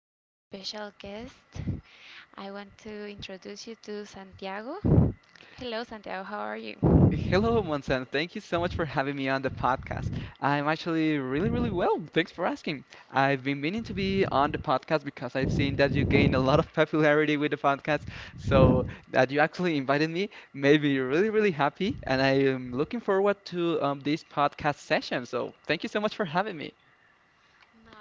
an special guest. I want to introduce you to Santiago. Hello, Santiago, how are you? No, Hello, Monsan. Thank you so much for having me on the podcast. I'm actually really, really well. Thanks for asking. I've been meaning to be on the podcast because I've seen that you gained a lot of popularity with the podcast. So that you actually invited me made me really, really happy, and I am looking forward to this podcast session. So thank you so much for having me.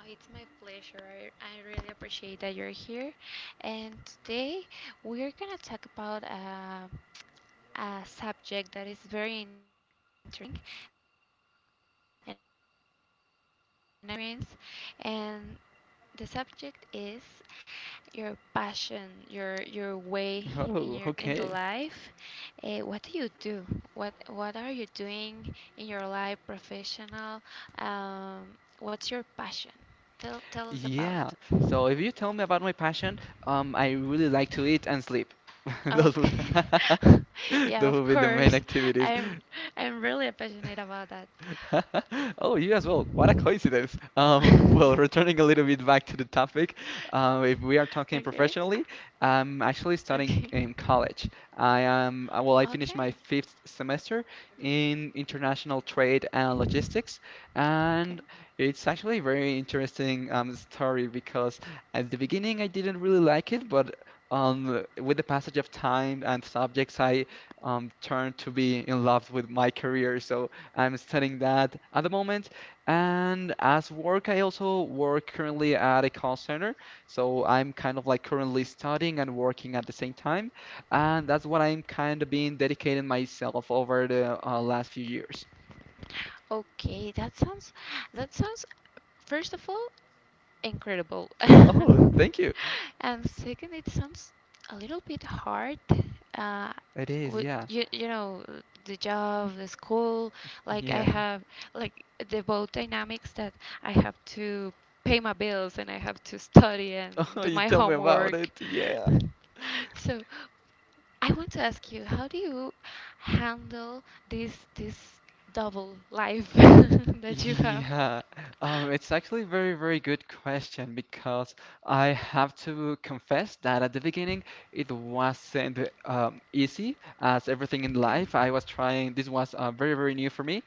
it's my pleasure. I really appreciate that you're here. And today we're gonna talk about a subject that is very interesting and experience. And the subject is your passion, your way in Oh, your in the okay. life. What do you do? What are you doing in your life, professional? Um, what's your passion? Tell us about. Yeah. So if you tell me about my passion, I really like to eat and sleep. Those would, Okay. Yeah, those of would be the main course. activities. I'm I'm really passionate about that. Oh, you as well. What a coincidence. Well, returning a little bit back to the topic, if we are Okay. talking professionally, I'm actually Okay. studying in college. I finished Okay. my fifth semester in international trade and logistics, Okay. and it's actually a very interesting story because at the beginning I didn't really like it, but with the passage of time and subjects, I turned to be in love with my career. So I'm studying that at the moment. And as work, I also work currently at a call center. So I'm kind of like currently studying and working at the same time. And that's what I'm kind of been dedicating myself over the last few years. Okay, that sounds first of all incredible. Oh, thank you. And second, it sounds a little bit hard. Uh, It is, with yeah. you, you know, the job, the school, like I Yeah. have, like the both dynamics that I have to pay my bills and I have to study and Oh, do you my tell me about homework. it. Yeah. So I want to ask you, how do you handle this double life that you have? Yeah, it's actually a very, very good question because I have to confess that at the beginning it wasn't easy as everything in Okay, life. I was trying, this was very, very new for me.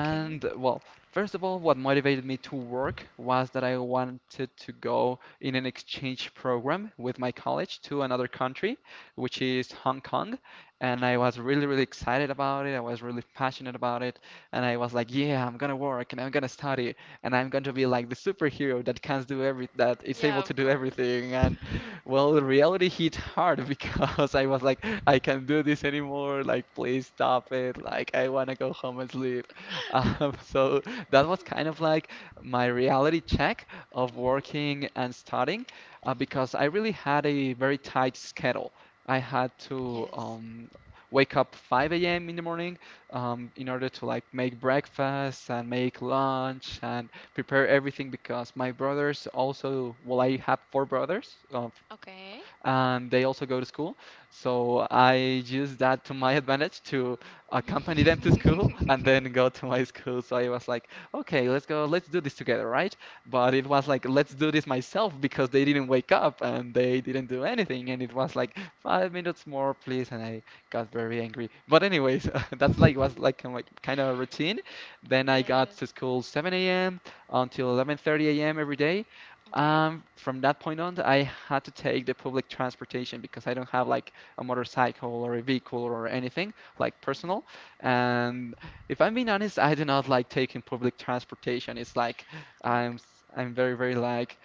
okay. well, first of all, what motivated me to work was that I wanted to go in an exchange program with my college to another country, which is Hong Kong. And I was really, really excited about it. I was really passionate about it. And I was like, yeah, I'm gonna work and I'm gonna study and I'm going to be like the superhero that can do every that is able Yeah, to of do course. everything. And well, the reality hit hard because I was like, I can't do this anymore. Like, please stop it. Like, I wanna go home and sleep. Mhm. so that was kind of like my reality check of working and studying because I really had a very tight schedule. I had to Yes. Wake up 5 a.m. in the morning, in order to like make breakfast and make lunch and prepare everything because my brothers also, well, I have 4 brothers. Okay. And they also go to school. So I use that to my advantage to accompany them to school and then go to my school. So I was like, okay, let's go, let's do this together, right? But it was like, let's do this myself because they didn't wake up and they didn't do anything. And it was like 5 minutes more, please. And I got very angry. But anyways, that's like was like kind of a routine. Then I Yeah. got to school 7 a.m. until 11:30 a.m. every day. Okay. From that point on, I had to take the public transportation because I don't have like a motorcycle or a vehicle or anything like personal. And if I'm being honest, I do not like taking public transportation. It's like Okay. I'm very very like—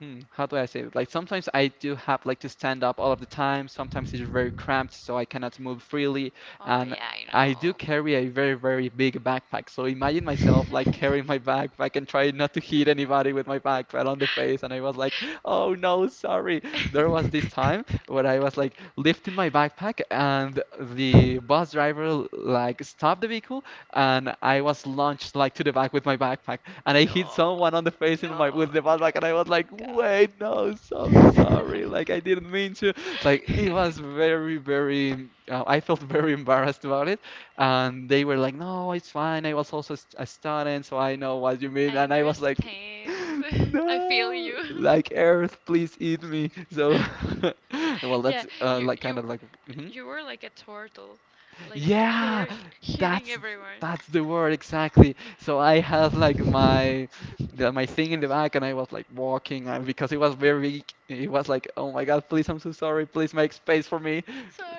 hmm, how do I say it? Like sometimes I do have like to stand up all of the time. Sometimes it's very cramped, so I cannot move freely. Oh And yeah, I I do know. carry a very, very big backpack. So imagine myself like carrying my backpack and trying not to hit anybody with my backpack right on the face. And I was like, oh no, sorry. There was this time where I was like lifting my backpack and the bus driver like stopped the vehicle and I was launched like to the back with my backpack and I hit No. someone on the face in No, my with the backpack, and no, I was my like, "Wait, no, so God. sorry. I Like I didn't mean to." Like it was very, very. I felt very embarrassed about it, and they were like, "No, it's fine. I was also a student, so I know what you mean." And I was like, understand. I feel "No, you. like Earth, please eat me." So, well, Yeah, that's you like kind of you like. Mhm. you were like a turtle. Like you Yeah, were hitting that's everyone. that's the word exactly. So I had like my thing in the back, and I was like walking, and because it was very, it was like, oh my God, please, I'm so sorry, please make space for me.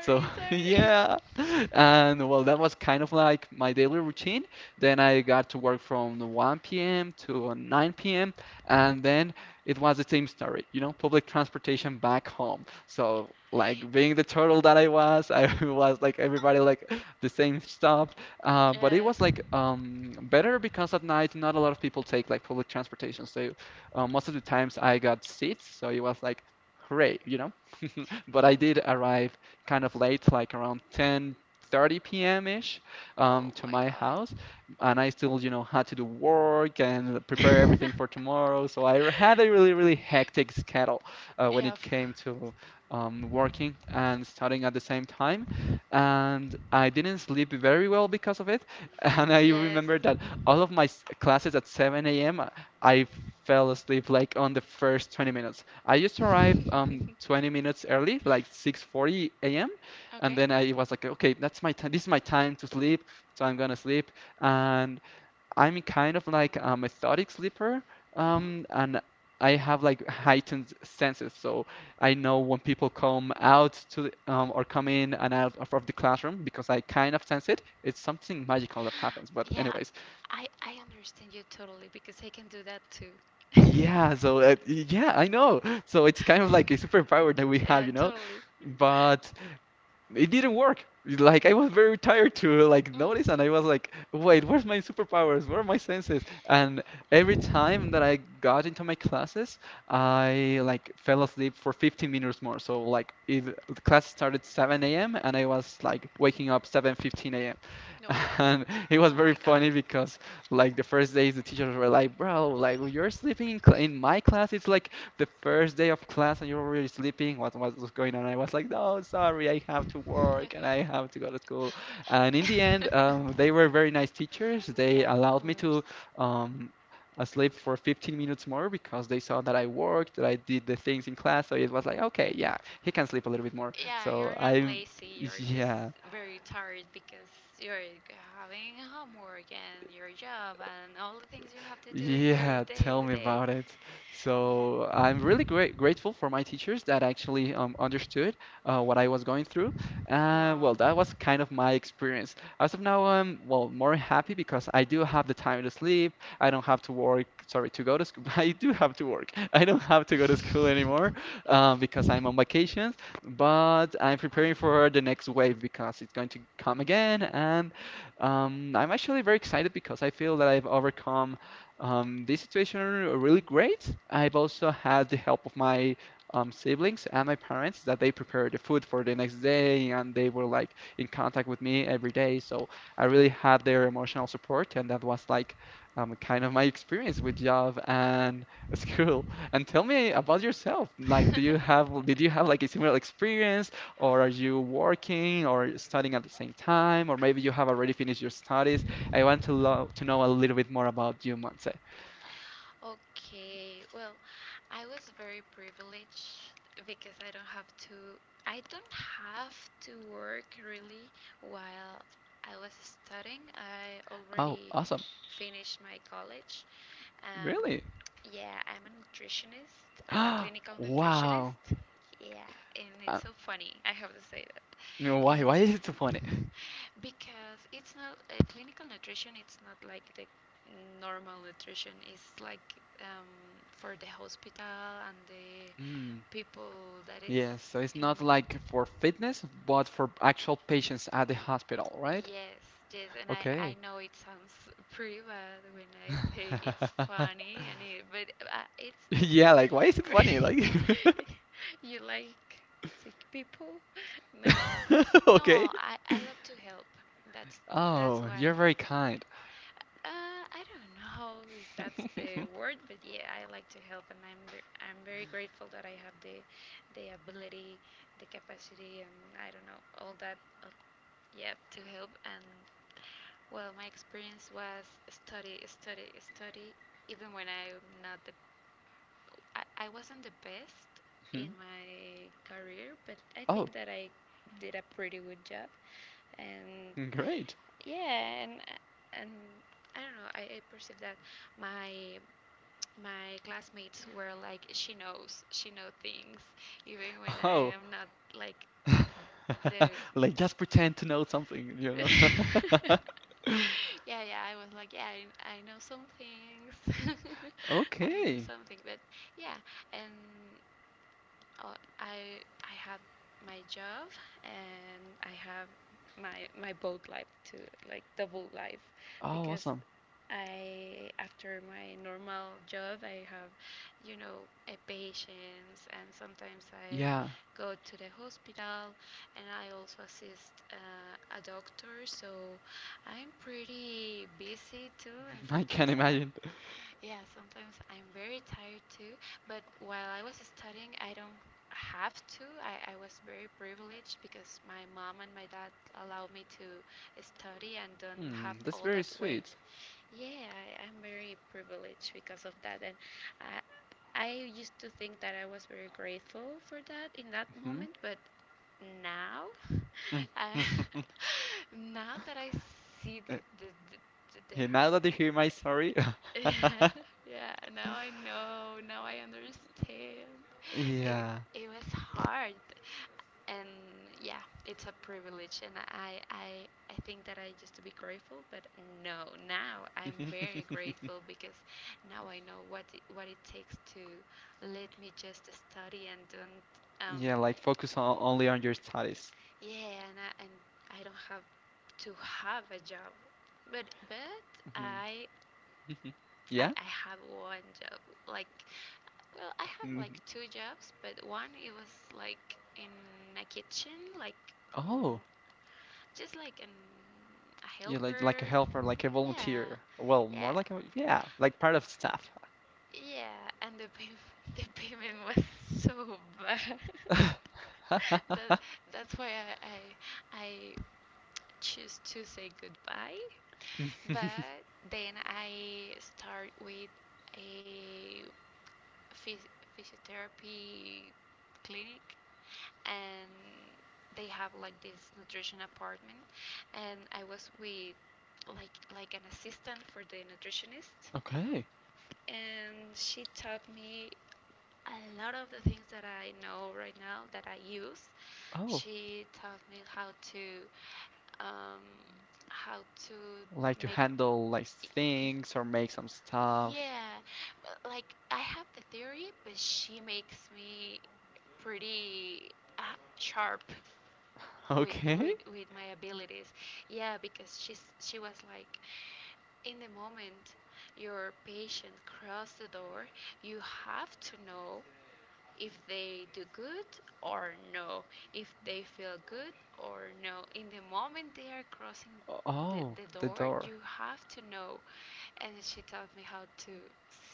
So sorry. yeah, and well, that was kind of like my daily routine. Then I got to work from 1 p.m. to 9 p.m. and then it was the same story, you know, public transportation back home. So like being the turtle that I was, I was like everybody like the same stuff. But it was Yes. like better because at night not a lot of people take like public transportation. So most of the times I got seats, so it was like hooray, But Yeah. I Of, did c- arrive kind of late, like around 10:30 p.m. ish, oh to my my house, God. and I still, you know, had to do work and prepare everything for tomorrow. So I had a really, really hectic schedule when Yeah, it of course. came to working and studying at the same time. And I didn't sleep very well because of it. And I Yes. remember that all of my classes at 7 a.m., I fell asleep like on the first 20 minutes. I used to arrive 20 minutes early, like 6:40 a.m. And Okay. then I was like, okay, that's my time. This is my time to sleep, so I'm gonna sleep. And I'm kind of like a methodic sleeper, Mhm. And I have like heightened senses, so I know when people come in and out of the classroom because I kind of sense it. It's something magical that happens. But Yeah, anyways, I understand you totally because I can do that too. yeah. So yeah, I know. So it's kind of like a superpower that we have, Yeah, you know. totally. But it didn't work. Like I was very tired to like notice, Mhm. and I was like, "Wait, where's my superpowers? Where are my senses?" And every time that I got into my classes, I like fell asleep for 15 minutes more. So like, if the class started 7 a.m. and I was like waking up 7:15 a.m. No. And it was Oh very my God. funny because like the first days the teachers were like, "Bro, like you're sleeping in my class. It's like the first day of class and you're already sleeping. What was going on?" I was like, no, sorry, I have to work and I have to go to school. And in the end, they were very nice teachers. They Yeah, of allowed me course. to um, sleep for 15 minutes more because they saw that I worked, that I did the things in class. So it was like, okay, yeah, he can sleep a little bit more. Yeah, So you're not I'm, lazy. You're just yeah. very tired because you're having homework and your job and all the things you have to do in your Yeah, day tell to me day. about it. Yeah. So I'm really great grateful for my teachers that actually understood what I was going through. Wow. Well, that was kind of my experience. As of now, I'm well more happy because I do have the time to sleep. I don't have to work. Sorry, to go to school. I do have to work. I don't have to go to school anymore because I'm on vacations. But I'm preparing Oh, for the next wave because it's going to come again, and I'm actually very excited because I feel that I've overcome this situation are really great. I've also had the help of my siblings and my parents that they prepared the food for the next day and they were like in contact with me every day. So I really had their emotional support and that was like kind of my experience with job and school. And tell me about yourself. Like, do you have did you have like a similar experience or are you working or studying at the same time or maybe you have already finished your studies? I want to, to know a little bit more about you, Monse. okay, well, I was very privileged because I don't have to, I don't have to work really while I was studying. I Oh, already awesome. finished my college. Um, Really? Yeah, I'm a nutritionist. I'm a clinical Wow. nutritionist. Yeah, and Uh, it's so funny. I have to say that. no, why? And Why is it so funny? because it's not clinical nutrition, it's not like the normal nutrition. It's like um, for the hospital and the Mm, people that is yes, so it's in. not like for fitness, but for actual patients at the hospital, right? Yes, yes, and I Okay. know it sounds pretty bad when I say it's funny and it, but it's Yeah, like why is it funny? Like, you like sick people? No, no, okay. I love to help. That's that's Oh, why. you're very kind. I don't know if that's the word, but yeah, I like to help, and I'm ver- I'm very grateful that I have the ability, the capacity, and I don't know all that. Uh, yeah, to help and well, my experience was study, study, study, even when I'm not the I wasn't the best in Hmm? my career, but I Oh, think that I did a pretty good job. And great. yeah, and I don't know. I perceived that my my classmates were like, she knows, she know things, even when I Oh, am not like the. like just pretend to know something, you know? Yeah, yeah. I was like, yeah, I know some things. I know Okay. something, but yeah, and uh, I have my job and I have my boat life too, like double life, Oh, because awesome. I after my normal job I have, you know, a patients and sometimes I Yeah, go to the hospital and I also assist a doctor. So I'm pretty busy too, and I can sometimes I imagine. yeah, sometimes I'm very tired too, but while I was studying, I don't have to. I was very privileged because my mom and my dad allowed me to study and don't have Hmm, that's all very that weight. sweet. Yeah, I'm very privileged because of that. And I, I used to think that I was very grateful for that in that Hmm. moment, but now, Mm, I, mm, mm, mm. now that I see Uh, the yeah, now that you hear my story, yeah, yeah, now I know, now I understand. It, yeah, it was hard. And yeah, it's a privilege and I, I think that I just to be grateful, but no, now I'm very grateful because now I know what it takes to let me just study and don't um yeah, like focus on only on your studies. yeah, and I don't have to have a job. But but Mhm. I Mhm. I, Yeah. I have one job like well I have like Mhm. two jobs but one it was like in a kitchen like mm, Oh, just like an, a yeah, like a helper helper, like a yeah volunteer. Well, more yeah like a, yeah, like part of staff. yeah, and the pay- the payment was so bad. that that's why I choose to say goodbye. But then I start with a phys- physiotherapy clinic, and they have like this nutrition apartment, and I was with like an assistant for the nutritionist Okay. and she taught me a lot of the things that I know right now that I use. Oh, She taught me um, how to like to make handle like things or make some stuff. yeah, like I have the theory, but she makes me pretty uh, sharp with Okay. with with my abilities. Yeah, because she was like, in the moment your patient crossed the door, you have to know if they do good or no, if they feel good or no. In the moment they are crossing the, Oh, the the door, door. you have to know. And she taught me how to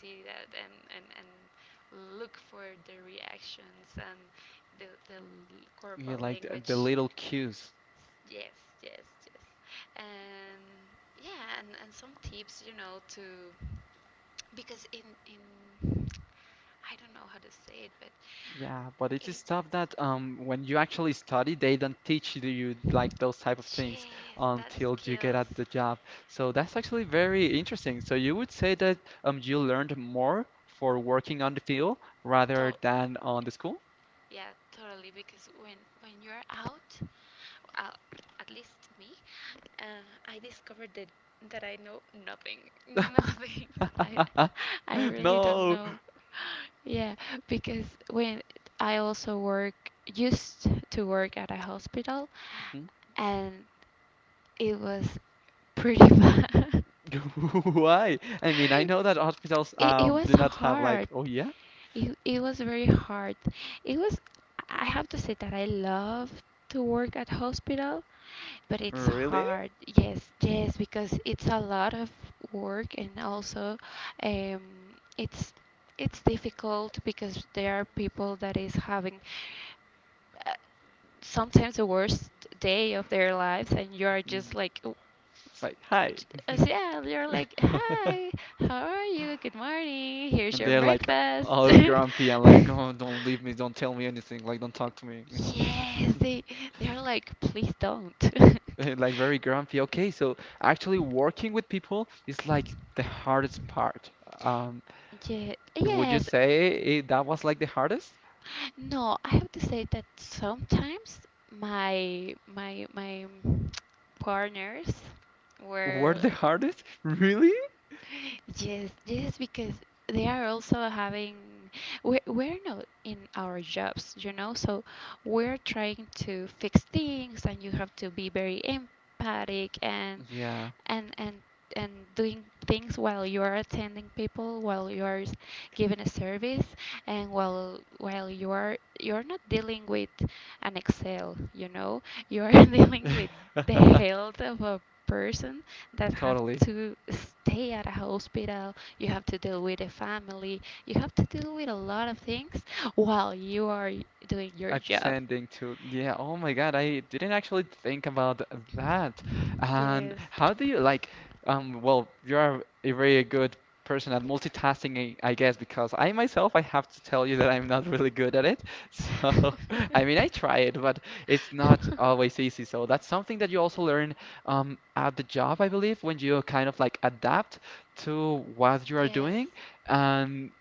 see that and look for the reactions and the Yeah, corporal like the language. little cues. Yes, yes, yes. And yeah, and, some tips, you know, to because in I don't know how to say it, but Yeah, but in it's stuff that when you actually study, they don't teach you like those type of things yes, that's until you get skills. at the job. So that's actually very interesting. So you would say that you learned more for working on the field rather To than on the school? yeah, totally. Because when you're out, uh, at least me, I discovered that that I know nothing, nothing. I I really don't No. know. Yeah, because when I also work used to work at a hospital, and it was pretty bad. Why? I mean, I know that hospitals It was do not have, like, hard. oh yeah, It was very hard. It was, I have to say that I love to work at hospital, but it's really? hard. Yes, yes, because it's a lot of work and also um, it's it's difficult because there are people that is having uh, sometimes the worst day of their lives and you're just Mm. like "Oh, s- Like, hi. j- as- yeah you're like hi how are you good morning here's And your they're like breakfast all grumpy and like, oh, don't leave me, don't tell me anything, like, don't talk to me. yes they they're like please don't Like, very grumpy. Okay, so actually working with people is like the hardest part. Um, yeah, would you yes say it, that was like the hardest? no I have to say that sometimes my partners Were were the hardest? Really? yes, yes, because they are also having we're not in our jobs, you know, so we're trying to fix things and you have to be very empathic and Yeah. and and and doing things while you are attending people, while you are s- giving a service and while you are you're not dealing with an Excel, you know, you are dealing with the health of a person that have Totally. to stay at a hospital, you have to deal with a family, you have to deal with a lot of things while you are doing your job. Attending to, yeah, oh my God, I didn't actually think about that. And Yes. how do you like, well, you're a very good person at multitasking, I guess, because I myself, I have to tell you that I'm not really good at it. So, I mean, I try it, but it's not always easy. So that's something that you also learn, at the job, I believe, when you kind of like adapt to what you are doing. Yes, Um,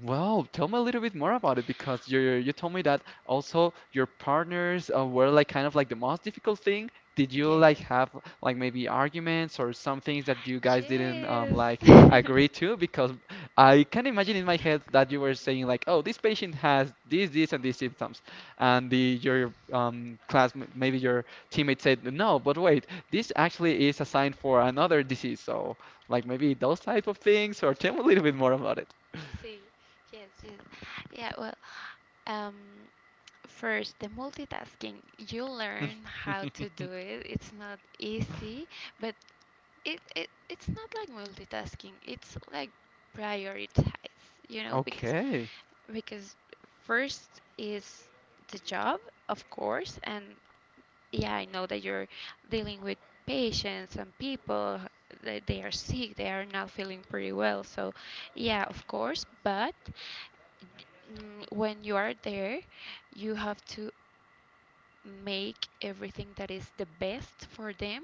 well, tell me a little bit more about it, because you told me that also your partners were like kind of like the most difficult thing. Did you like yes, have like maybe arguments or some things that you guys didn't, yes. like, agree to? Because I can imagine in my head that you were saying like, oh, this patient has this, this, and these symptoms, and the your class, maybe your teammate said no, but wait, this actually is a sign for another disease. So like maybe those type of things, or tell me a little bit more about it. See, yeah, well, um, first, the multitasking, you learn how to do it. It's not easy, but it's not like multitasking it's like prioritize you know Okay. because first is the job of course and yeah I know that you're dealing with patients and people that they are sick they are not feeling pretty well so yeah of course but when you are there you have to make everything that is the best for them,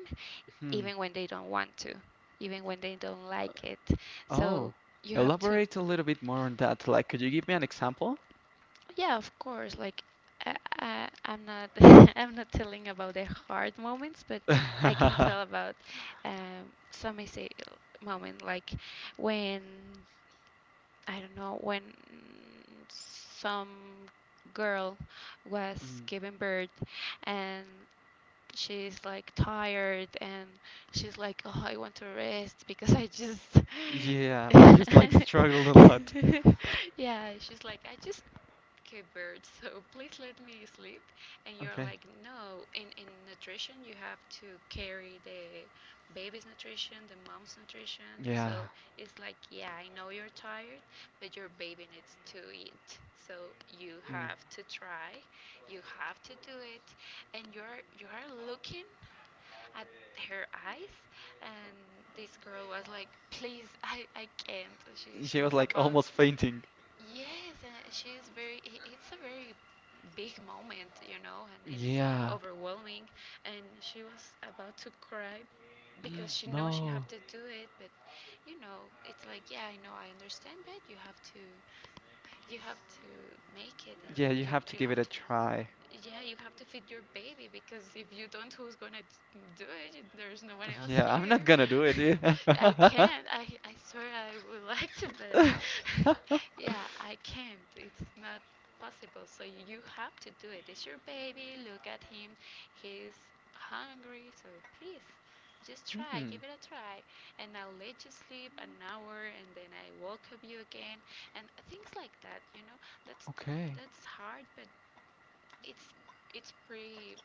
Hmm. even when they don't want to, even when they don't like it. Oh, So you have to, elaborate a little bit more on that. Like, could you give me an example? yeah, of course. Like I'm not, I'm not telling about the hard moments, but I can tell about some easy moment, like when I don't know, when some girl was Hmm. giving birth and she's like tired and she's like, oh, I want to rest because I just. Yeah, I just like struggled a lot. Yeah, she's like, I just gave birth, so please let me sleep. And you're Okay. like, no, in nutrition, you have to carry the baby's nutrition, the mom's nutrition. Yeah. So it's like, yeah, I know you're tired, but your baby needs to eat. So you Hmm. have to try, you have to do it, and you're you are looking at her eyes, and this girl was like, please, I can't. She She was was like about almost fainting. yes, and she's very. I- It's a very big moment, you know, and it's Yeah. overwhelming. And she was about to cry because she knows she No. have to do it, but you know, it's like, yeah, I know, I understand, but you have to make it, and Yeah, you you have to you give it have a to try. yeah, you have to feed your baby because if you don't, who's gonna do it? There's no one else Yeah, I'm here. not gonna do it. Yeah. I can't. I swear I would like to, but yeah, I can't. It's not possible. So you have to do it. It's your baby. Look at him. He's hungry. So please, just try. Hmm. Give it a try. And I'll let you sleep an hour, and then I welcome you again, and things like that. That's Okay. that's hard, but it's it's pretty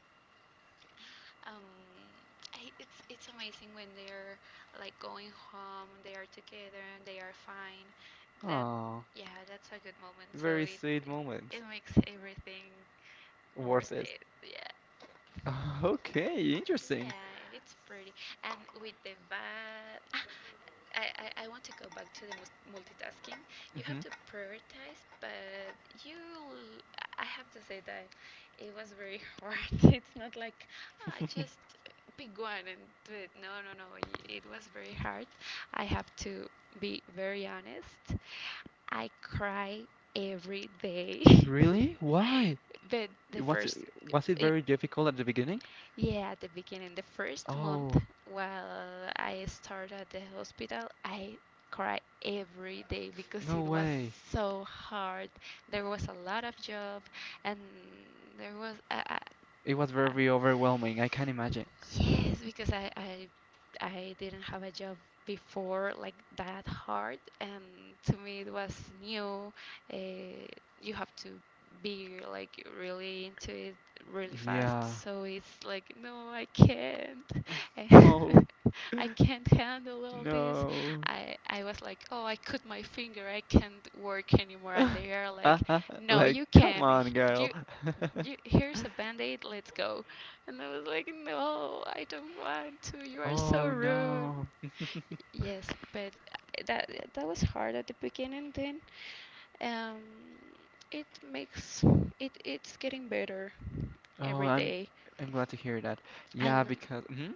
um I, it's amazing when they're like going home, they are together and they are fine. That Oh, Yeah, that's a good moment, so very it sweet it, moment. it makes everything Worth worth it. it, yeah. Okay, interesting. Yeah, it's pretty. And with the bad, I want to go back to the multitasking. You have Hmm. to prioritize, but you, l- I have to say that it was very hard. It's not like, just pick one and do it. No, no, no. It was very hard. I have to be very honest. I cry every day. Really? Why? but the It Was it first, was it in, very difficult at the beginning? Yeah, at the beginning, the first Oh, month while I started at the hospital, I cried every day because no it was way. so hard. There was a lot of job, and there was It was a very overwhelming. I can imagine. yes, because I didn't have a job before like that hard, and to me it was new. Uh, you have to be like really into it really fast, Yeah. so it's like no, I can't. And No. I can't handle all this. No. I was like, oh, I cut my finger. I can't work anymore, and they are like, no, Like, you come can. on, You girl. Here's a band-aid. Let's go. And I was like, no, I don't want to. You are so Oh rude. no. Yes, but that was hard at the beginning. Then um, it makes it's getting better Oh, every I'm day, I'm glad to hear that. and Yeah, because. Hmm.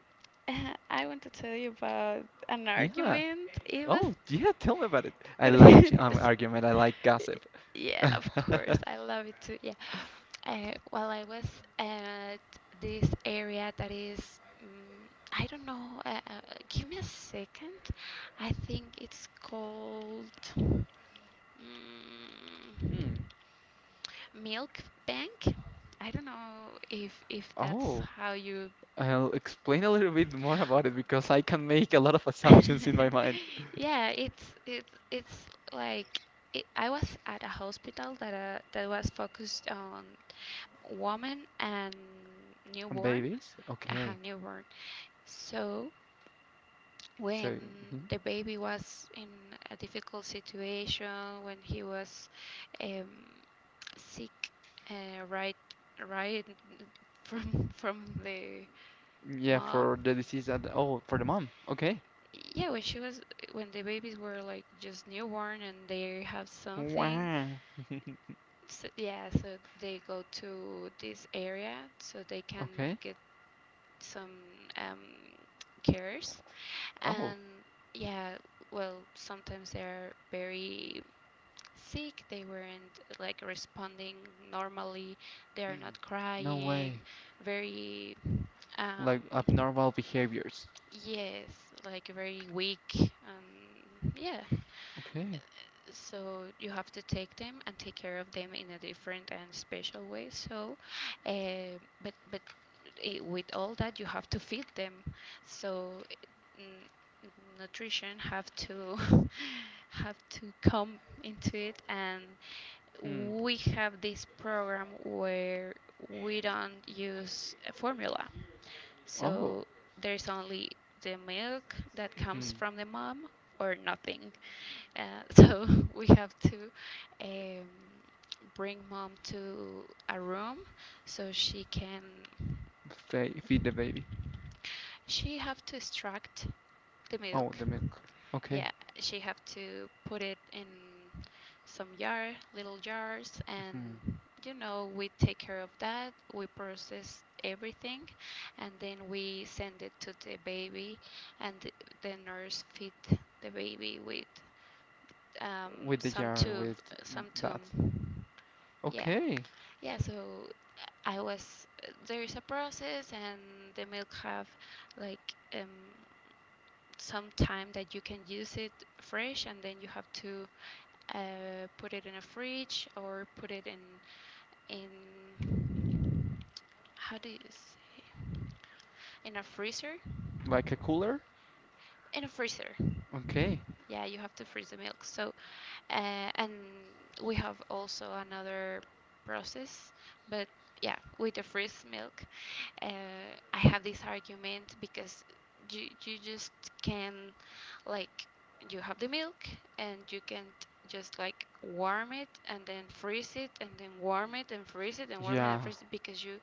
I want to tell you about an Yeah. argument. It was. Oh, yeah, tell me about it. I like argument. I like gossip. Yeah, of course. I love it too. Yeah. While I was at this area that is. mm I don't know. Give me a second. I think it's called. Hmm. Mm, Milk Bank. I don't know if that's Oh. how you I'll explain a little bit more about it because I can make a lot of assumptions in my mind. Yeah, it's like I was at a hospital that that was focused on women and newborn, Babies? uh, Okay. newborn. So So, when mhm, the baby was in a difficult situation, when he was um, sick, uh, right, right from the yeah, mom. for the disease that, oh, for the mom. Okay. Yeah, when she was when the babies were like just newborn and they have something. Wow. So, yeah, so they go to this area so they can Okay. get some um, cares. Oh, And yeah, well, sometimes they are very sick. They weren't like responding normally. They are mm, not no crying. way. Very Like um, abnormal behaviors. yes, like very weak and yeah. Okay. So you have to take them and take care of them in a different and special way so uh, but I with all that you have to feed them, so n- nutrition have to have to come into it, and Hmm. we have this program where we don't use a formula, Oh. so there's only the milk that comes Hmm. from the mom or nothing. uh, so we have to um, bring mom to a room so she can Fe feed the baby. she have to extract the Oh, milk. the milk. Okay. Yeah, she have to put it in some jar, little jars, Hmm. and you know we take care of that. We process everything, and then we send it to the baby, and the nurse feed the baby with um, With the some jar, tube, with some that. tomb. Yeah, Okay. yeah. So I was. There is a process, and the milk have like some time that you can use it fresh, and then you have to put it in a fridge or put it in in how do you say, in a freezer, Like a cooler? in a freezer. Okay. Yeah, you have to freeze the milk. So, and we have also another process, but yeah, with the freeze milk, uh, I have this argument because you just can, like, you have the milk and you can just like warm it and then freeze it and then warm it and freeze it and warm it and Yeah. freeze it because you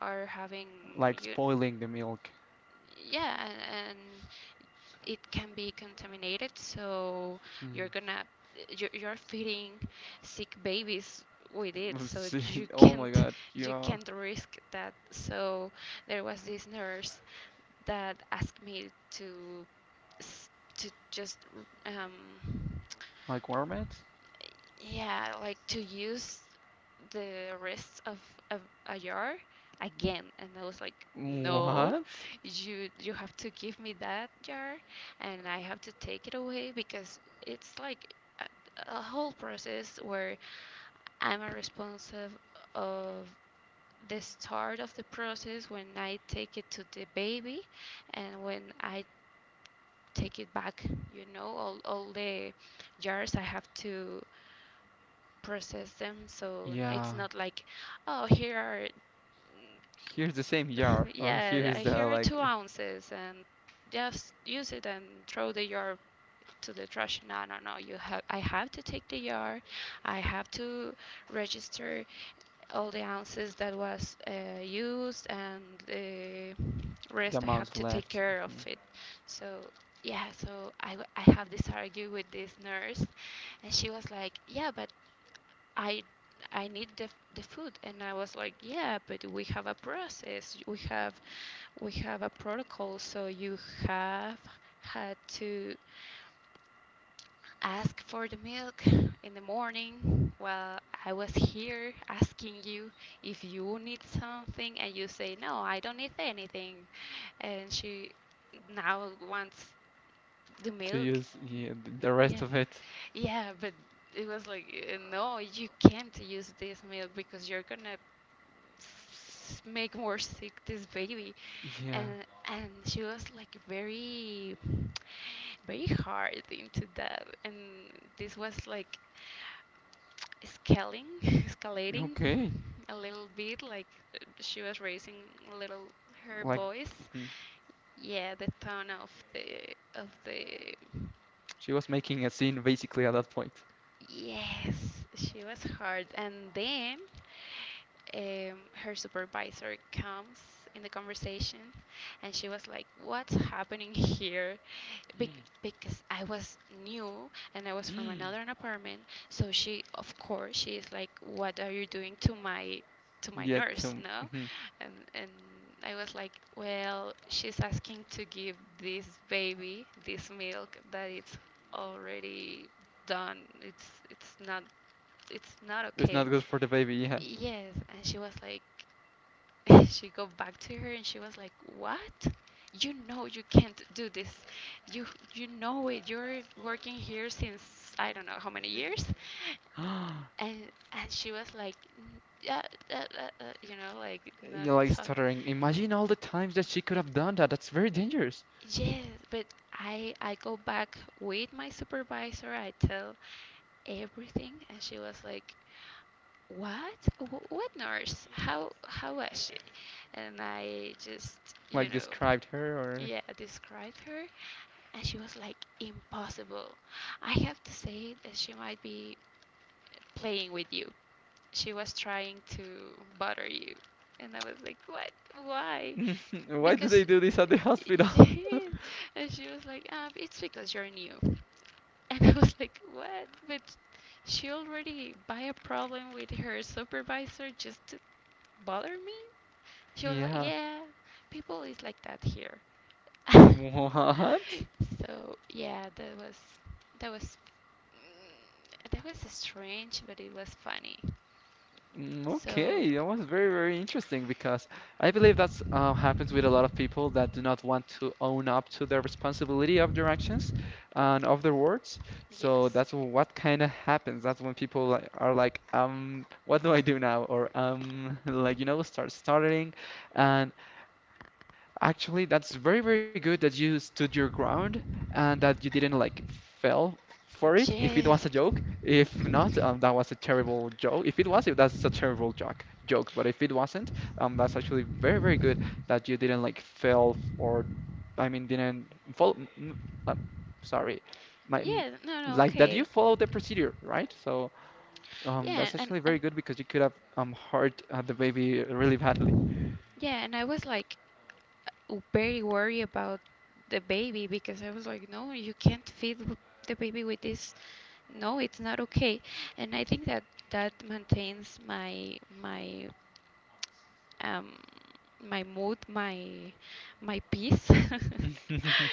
are having Like you spoiling the milk. yeah, and it can be contaminated. So Hmm. you're gonna you're feeding sick babies with it. So See, you oh my can't God, you yeah. can't risk that. So there was this nurse that asked me to s- to just um, Like warm it? yeah, like to use the rest of a jar again. And I was like, no, What? You have to give me that jar, and I have to take it away because it's like a, a whole process where I'm a responsive of the start of the process when I take it to the baby and when I take it back. You know, all the jars I have to process them, so Yeah. it's not like oh here are Here's the same jar, or yeah here's the here are two like ounces and just use it and throw the jar to the trash. No, no, no, you have, I have to take the jar, I have to register all the ounces that was used, and the the rest I have amount to take left, care of mhm, it. So yeah, so I have this argue with this nurse, and she was like, yeah, but I I need the food, and I was like, yeah, but we have a process. We have a protocol, so you have had to ask for the milk in the morning. Well, I was here asking you if you need something and you say no I don't need anything, and she now wants the to milk. use, yeah, the rest yeah of it. yeah, but it was like no, you can't use this milk because you're gonna make more sick this baby. Yeah. And she was like very very hard into that, and this was like scaling escalating Okay. a little bit, like she was raising a little her Like, voice. mhm. Yeah, the tone of the She was making a scene basically at that point. Yes, she was hard. And then um, her supervisor comes in the conversation, and she was like, "What's happening here?" Because I was new and I was from Mm. another apartment. So she, of course, she is like, "What are you doing to my Yeah, nurse, to, no?" mhm. And I was like, well, she's asking to give this baby this milk that it's already done. It's not It's okay. not good for the baby, yeah. Yes, and she was like, she go back to her and she was like, what, you know, you can't do this, you you know it, you're working here since I don't know how many years. And she was like, "N- yeah, you know, like not You're like talk. stuttering. Imagine all the times that she could have done that. That's very dangerous. Yes, but I go back with my supervisor. I tell everything, and she was like, "What? What nurse? How was she?" And I just, you Like, know, described her, yeah, described her, and she was like, "Impossible. I have to say that she might be playing with you, she was trying to bother you." And I was like, what? Why? or why do they Because, do this at the hospital? and she was like, ah, it's because you're new. And I was like, what? But she already by a problem with her supervisor just to bother me? She was like, Yeah. yeah, people is like that here. What? So yeah, that was that was that was strange, but it was funny. Mm. So, Okay, that was very, very interesting, because I believe that's, happens with a lot of people that do not want to own up to their responsibility of their actions and of their words. So yes. that's what kind of happens. That's when people like, are like, what do I do now? Or like, start stuttering, and actually, that's very, very good that you stood your ground and that you didn't like fell for it. If it was a Yes. joke, if not, that was a terrible joke. If it was, it, that's a terrible joke. Joke, but if it wasn't, that's actually very, very good that you didn't like fell, or I mean, didn't follow. Uh, sorry, my m- Yeah, no, no, like, that you okay. followed the procedure, right? So Yeah, that's actually very and good because you could have hurt, the baby really badly. yeah, and I was like very worried about the baby because I was like, no, you can't feed the baby with this. No, it's not okay. And I think that maintains my um my mood, my peace.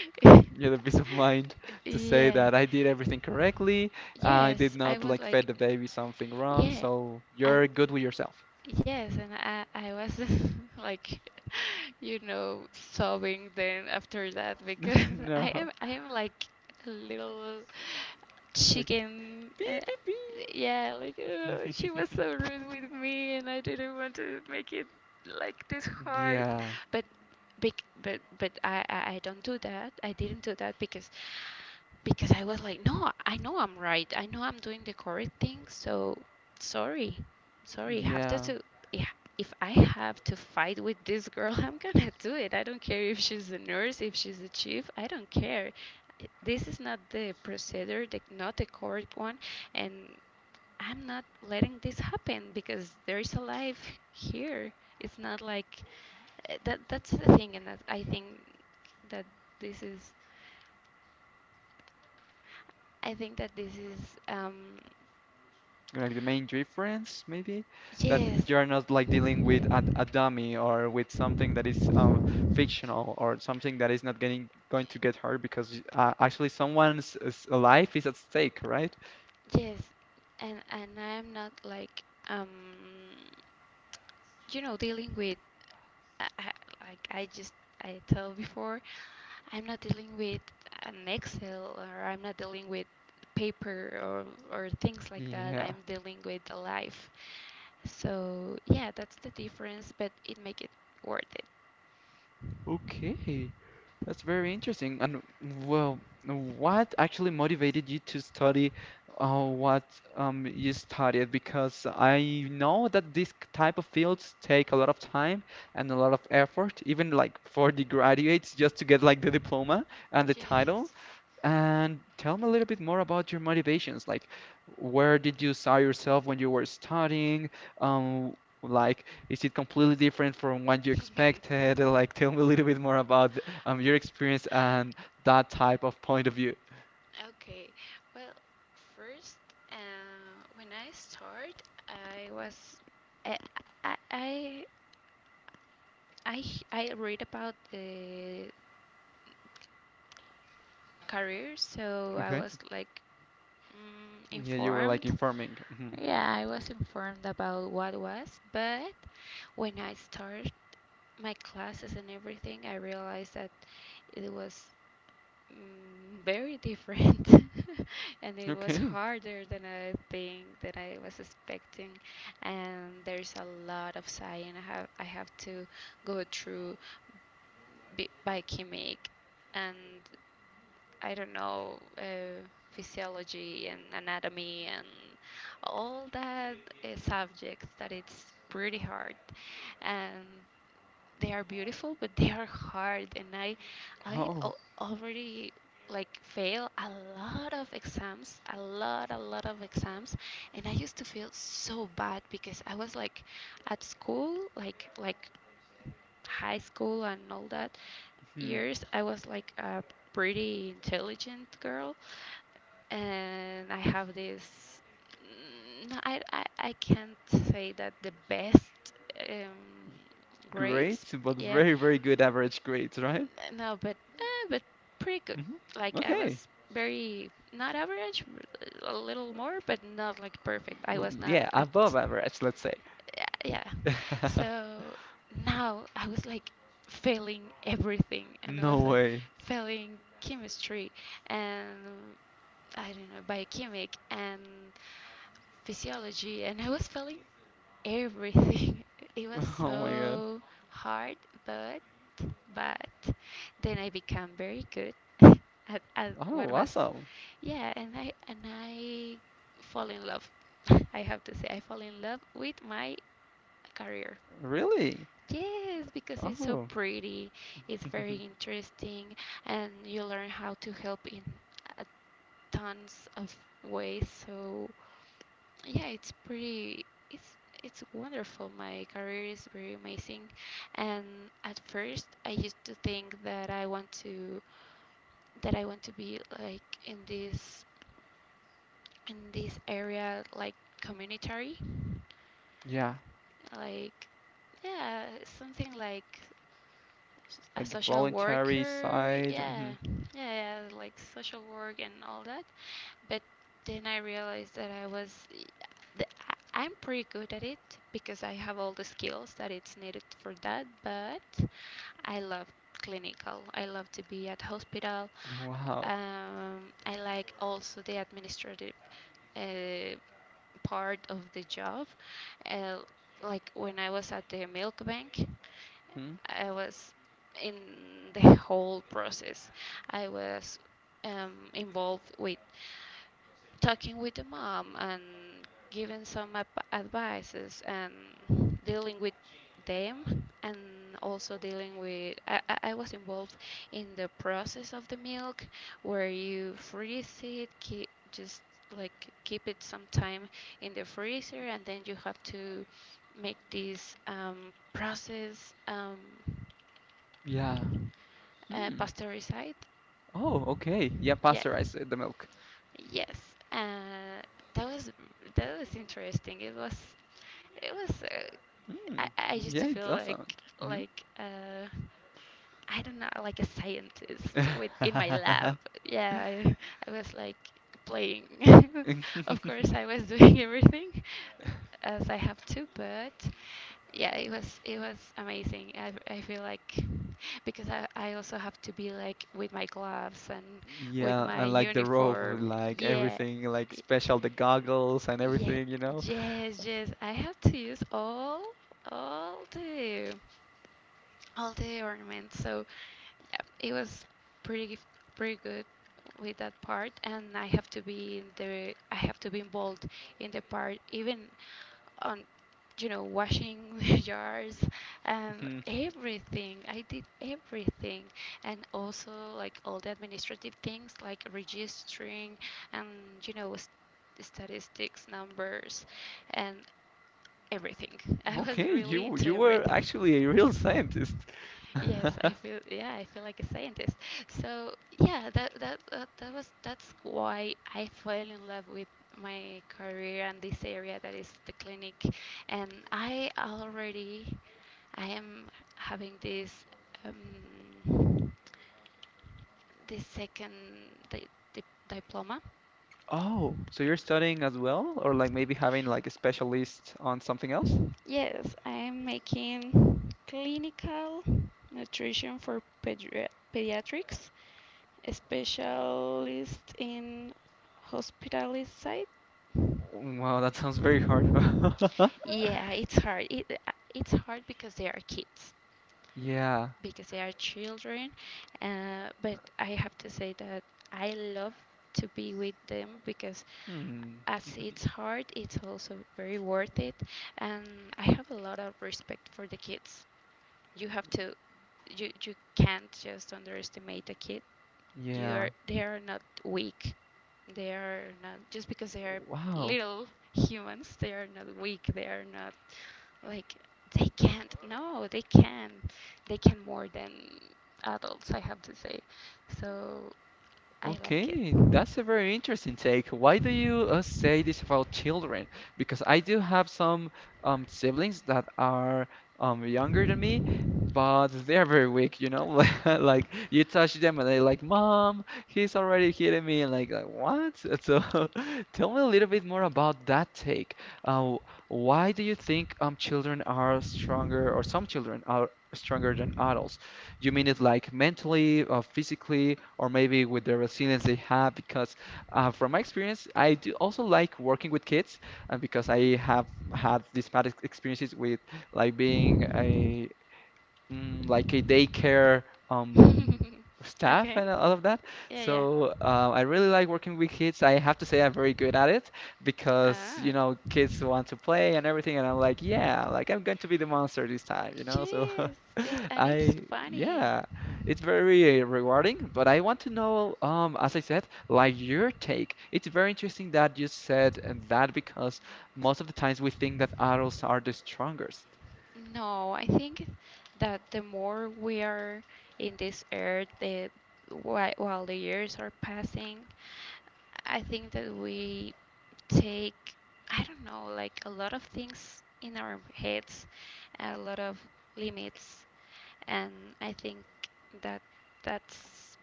Yeah, the peace of mind to say Yeah. that I did everything correctly. I did Yes, I not was like fed like, the baby something wrong, yeah, so and you're good with yourself. yes, and I was like, you know, sobbing then after that because No, I am like a little like, chicken. Beep beep Yeah, like oh, she was beep. so rude with me, and I didn't want to make it like this hard. Yeah, But, I don't do that. I didn't do that because I was like, no, I know I'm right. I know I'm doing the correct thing. So sorry, sorry. Have yeah. to yeah, if I have to fight with this girl, I'm gonna do it. I don't care if she's a nurse, if she's a chief. I don't care. This is not the procedure, not the correct one, and I'm not letting this happen because there is a life here. It's not like that. That's the thing, and that I think that this is I think that this is um, Like the main difference, maybe, yes, that you're not like dealing with a dummy or with something that is, fictional or something that is not getting going to get hurt because, actually someone's, life is at stake, right? yes, and I'm not like um, you know, dealing with I, I, like I just, I told before, I'm not dealing with an Excel or I'm not dealing with paper or things like that. Yeah. I'm dealing with the life. So yeah, that's the difference, but it make it worth it. Okay. That's very interesting. And well, what actually motivated you to study what you studied? Because I know that this type of fields take a lot of time and a lot of effort, even like for the graduates, just to get like the diploma and the title. And tell me a little bit more about your motivations. Like, where did you saw yourself when you were studying? Um, like, is it completely different from what you Ye- expected? Like, tell me a little bit more about your experience and that type of point of view. Okay, well, first, when I start, I was, I, I, I, I read about the career, so I Okay. was like Yeah, you were like informed. informing. Mhm. Yeah, I was informed about what was, but when I started my classes and everything, I realized that it was very different and it was Okay. harder than I think that I was expecting, and there's a lot of science I have to go through, biochemic, and I don't know, physiology and anatomy and all that subjects that it's pretty hard. And they are beautiful, but they are hard. And I, I Oh, al- already like fail a lot of exams, a lot of exams, and I used to feel so bad because I was like at school, like high school and all that hmm. years, I was like a pretty intelligent girl, and I have this. I can't say that the best um, grades. Great, but Yeah, very, very good average grades, right? no, but pretty good. Hmm. Like I Okay. was very not average, a little more, but not like perfect. I was not Yeah, at. above average, let's say. Yeah, yeah. So now I was like failing everything, and I was No like way. failing chemistry and, I don't know, biochemic and physiology, and I was failing everything. It was Oh my God. so hard, but but then I became very good at what Oh, was, awesome. yeah, and I fall in love. I have to say, I fall in love with my career. Really? Yes, because it's so Oh, pretty. It's very interesting, and you learn how to help in a tons of ways. So yeah, it's pretty. It's it's wonderful. My career is very amazing, and at first I used to think that I want to be like in this area like communitary, yeah. like, yeah, something like, a Like social voluntary worker, side. yeah, Hmm. yeah, yeah, like social work and all that. But then I realized that I was the, I'm pretty good at it because I have all the skills that it's needed for that, but I love clinical. I love to be at hospital. Wow. I like also the administrative uh, part of the job. Uh, like when I was at the milk bank, Hmm? I was in the whole process. I was involved with talking with the mom and giving some advices and dealing with them, and also dealing with I was involved in the process of the milk, where you freeze it, keep, just like keep it some time in the freezer, and then you have to make this process, Yeah. Hmm. pasteurized. Oh, okay. Yeah, Yeah. pasteurize, the milk. Yes, uh, that was that was interesting. It was it was. Hmm. I used to Yeah, it feel does sound. like Hmm. like I don't know, like a scientist with in my lab. Yeah, I was like playing. Of course, I was doing everything, um, as I have to, but yeah, it was amazing. I feel like because I also have to be like with my gloves and with Yeah, my and like the robe, uniform. like Yeah. everything, like y- special, the goggles and Yeah, everything, you know? yes, yes. I have to use all all the all the ornaments. So yeah, it was pretty pretty good with that part, and I have to be in the I have to be involved in the part, even on, you know, washing the jars and Mhm. everything. I did everything. And also, like, all the administrative things, like registering and, you know, statistics, numbers, and everything. I was Okay, really you into you were everything. actually a real scientist. Yes, I feel, yeah, I feel like a scientist. So yeah, that that that was that's why I fell in love with my career and this area that is the clinic, and I already I am having this, um, this second, di- diploma. Oh, so you're studying as well, or like maybe having like a specialist on something else? Yes, I am making clinical nutrition for pediatrics. Specialist in hospital side. Wow, that sounds very hard. Yeah, it's hard. It's hard because they are kids, Yeah. because they are children. But I have to say that I love to be with them, because Hmm. as it's hard, it's also very worth it. And I have a lot of respect for the kids. You have to, you you can't just underestimate a kid. You are Yeah. they are not weak. They are not just because they are Wow. little humans. They are not weak. They are not like they can't. No, they can. They can more than adults, I have to say. So I like it. Okay, that's a very interesting take. Why do you, say this about children? Because I do have some, siblings that are, younger than me, but they are very weak, you know? Like, you touch them and they're I like, like "Mom, he's already hitting me." And like, what? So tell me a little bit more about that take. Uh, why do you think children are stronger, or some children are stronger than adults? You mean it like mentally or physically, or maybe with the resilience they have? Because from my experience, I do also like working with kids, and because I have had these bad experiences with like being a, like, a daycare, it. Hmm. um, staff Okay. and all of that. Yeah, yeah. So I really like working with kids. I have to say I'm very good at it because Ah, kids want to play and everything, and I'm like, yeah, like I'm going to be the monster this time. So jeez. It and it's I funny. Yeah, it's very rewarding. But I want to know, as I said, like your take. It's very interesting that you said that because most of the times we think that adults are the strongest. No, I think that the more we are in this earth, the while the years are passing, I think that we take, I don't know, like a lot of things in our heads, a lot of limits, and I think that that's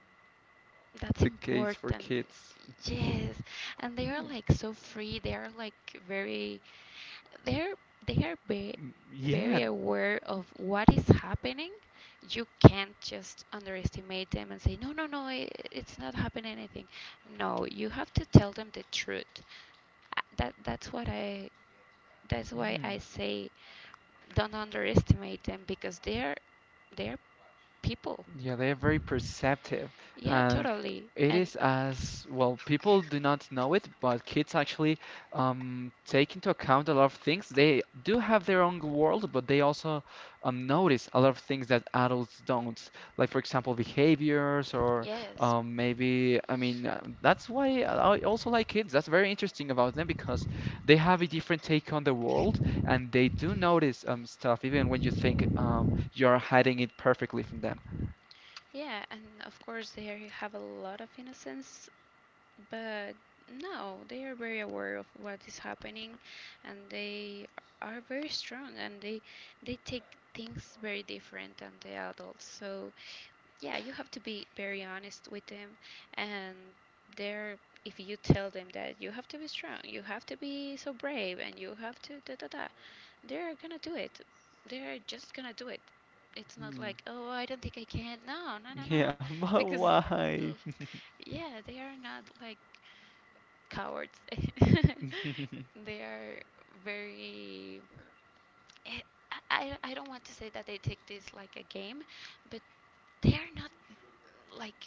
that's The case for important. kids. Mm-hmm. Yes, and they are Mm, like so free. They are like very they're they are ve- mm, yeah. very aware of what is happening. You can't just underestimate them and say, no, no, no, I it's not happening anything. No, you have to tell them the truth. I- That that's what I that's why I Mm. say don't underestimate them because they are people. Yeah, they are very perceptive. Yeah, And totally. it And is as well, people do not know it, but kids actually, take into account a lot of things. They do have their own world, but they also, notice a lot of things that adults don't. Like, for example, behaviors, or yes, maybe, I mean, that's why I also like kids. That's very interesting about them because they have a different take on the world and they do notice, stuff, even when you think, you're hiding it perfectly from them. yeah, and of course they have a lot of innocence. But no, they are very aware of what is happening, and they are very strong, and they take things very different than the adults. So yeah, you have to be very honest with them, and they're if you tell them that you have to be strong, you have to be so brave and you have to da da da, they're gonna do it. They're just gonna do it. It's not Hmm. like, oh, I don't think I can. No, no, no, no. Yeah, but Because, why? l- yeah, they are not like cowards. They are very. eh, I don't want to say that they take this like a game, but they are not like,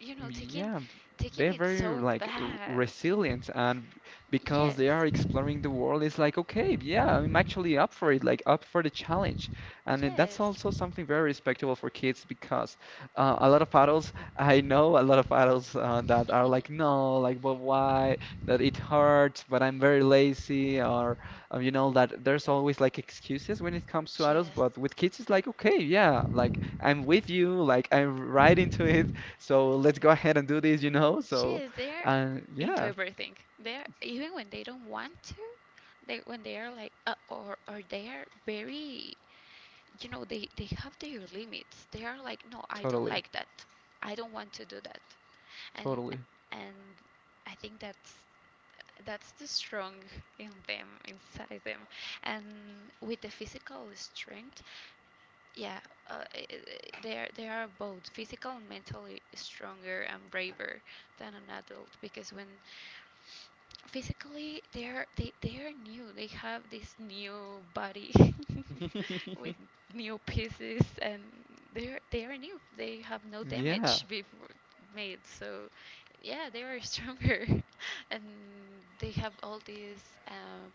you know, Yeah, taking they're it very so like r- bad. resilient, and because they are Yes. exploring the world, it's like, okay, yeah, I'm actually up for it, like up for the challenge, and then that's also Yes. something very respectable for kids because, a lot of adults, I know a lot of adults, that are like, no, like, but why? That it hurts, but I'm very lazy, or that there's always like excuses when it comes to adults, Yes. but with kids, it's like, okay, yeah, like I'm with you, like I'm right into it. So let's go ahead and do this, you know? So, Yes, they are and into yeah, everything. They are, even when they don't want to. They when they are like, or they are very, you know, they have their limits. They are like, no, I don't totally, like that. I don't want to do that. And totally. and I think that's the strong in them, inside them. And with the physical strength, yeah, they are both physical and mentally stronger and braver than an adult, because when physically they are new, they have this new body with new pieces, and they are new, they have no Yeah, damage before made. So yeah, they are stronger and they have all these, um,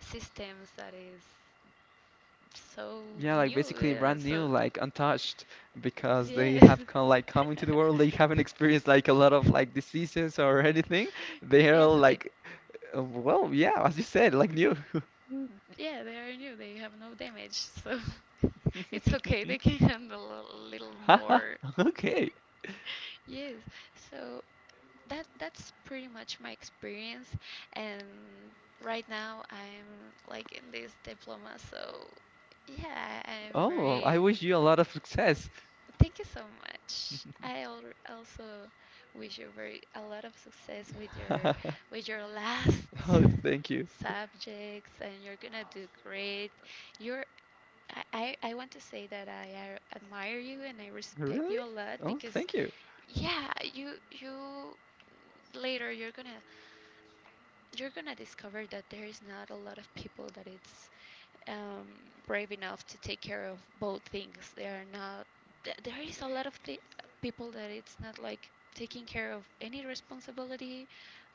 systems that is so yeah, like new, basically yeah, brand new, so like untouched, because they yeah, have come into the world. They haven't experienced like a lot of like diseases or anything. They are yeah. So they, like, well, yeah, as you said, like new. yeah, they are new. They have no damage, so it's okay. They can handle a little Haha, more. okay. Yes. So that that's pretty much my experience, and right now I'm like in this diploma. So yeah, I'm Oh, I very. wish you a lot of success. Thank you so much. I also wish you very a lot of success with your last Oh, thank you. subjects, and you're gonna do great. You're I want to say that I admire you and I respect Really? you a lot Oh, because thank you. yeah, you later you're gonna discover that there is not a lot of people that it's, um, brave enough to take care of both things. They are not. There is a lot of people that it's not like taking care of any responsibility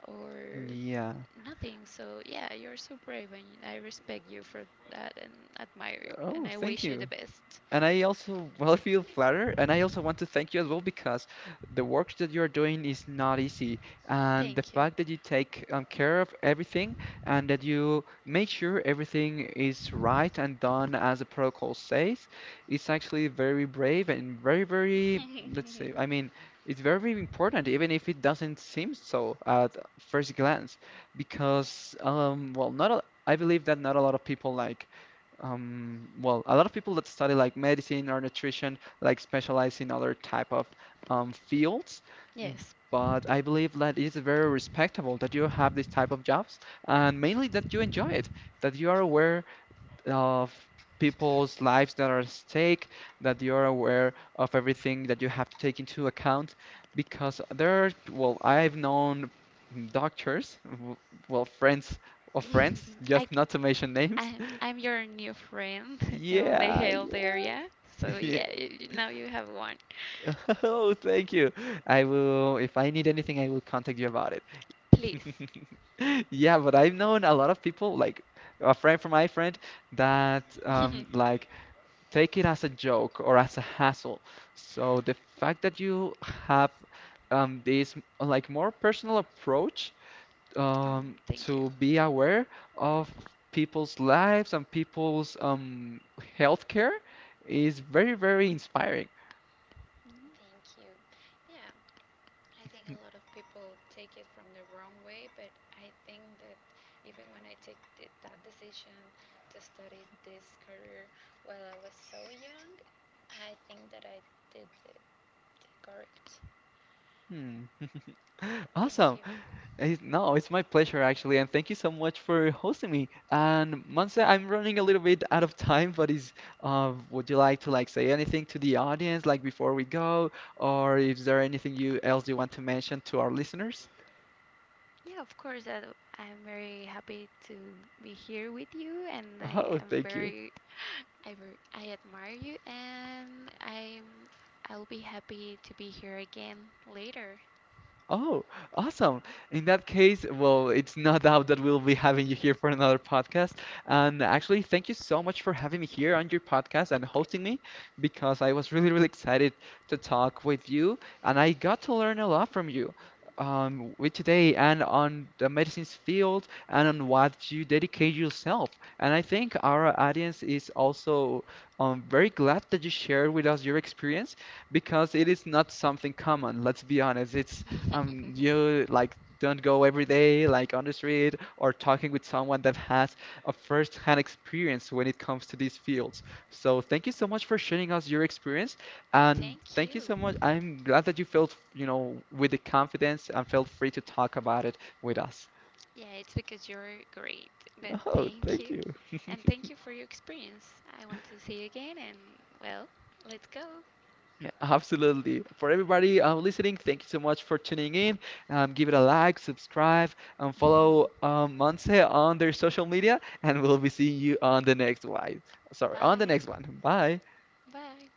or Yeah. nothing. So yeah, you're so brave, and I respect you for that, and admire you, and Oh, I thank wish you the you. best. And I also, well, I feel flattered, and I also want to thank you as well because the work that you are doing is not easy, and the Thank you. fact that you take care of everything and that you make sure everything is right and done as the protocol says is actually very brave and very, very, let's say, I mean, it's very very important, even if it doesn't seem so at first glance, because, well, not a, I believe that not a lot of people well, a lot of people that study like medicine or nutrition like specialize in other type of fields, m- Yes, but I believe that it is very respectable that you have this type of jobs and mainly that you enjoy it, that you are aware of people's lives that are at stake, that you are aware of everything that you have to take into account because there are, well, I've known doctors, well, friends of friends, I just not to mention names, I'm your new friend in the yeah, health yeah, area. So yeah. yeah, now you have one. Oh, thank you. I will, if I need anything, I will contact you about it. Please. Yeah, but I've known a lot of people, like a friend from my friend, that like take it as a joke or as a hassle. So the fact that you have this like more personal approach um, thank you. to be aware of people's lives and people's healthcare is very, very inspiring. Thank you. Yeah, I think a lot of people take it from the wrong way, but I think that even when I take that decision to study this career while I was so young, I think that I did it correct. Hmm. Yeah, thank Awesome. you. It's, no, it's my pleasure actually, and thank you so much for hosting me. And Monse, I'm running a little bit out of time, but is would you like to like say anything to the audience like before we go, or is there anything you else you want to mention to our listeners? Yeah, of course. I'm very happy to be here with you, and I Oh, am thank you. very, I very, I admire you, and I'm, I'll be happy to be here again later. Oh, awesome. In that case, well, it's no doubt that we'll be having you here for another podcast. And actually, thank you so much for having me here on your podcast and hosting me because I was really, really excited to talk with you and I got to learn a lot from you with today and on the medicines field and on what you dedicate yourself. And I think our audience is also very glad that you shared with us your experience because it is not something common, let's be honest. It's you like don't go every day like on the street or talking with someone that has a first-hand experience when it comes to these fields. So thank you so much for sharing us your experience, and Thank thank you you. so much. I'm glad that you felt, you know, with the confidence and felt free to talk about it with us. Yeah, it's because you're great, but Oh, thank thank you. you, and thank you for your experience. I want to see you again, and, well, let's go. Yeah, absolutely. For everybody listening, thank you so much for tuning in. Give it a like, subscribe, and follow Monse on their social media, and we'll be seeing you on the next one. Sorry, on the Bye. next one. Bye. Bye.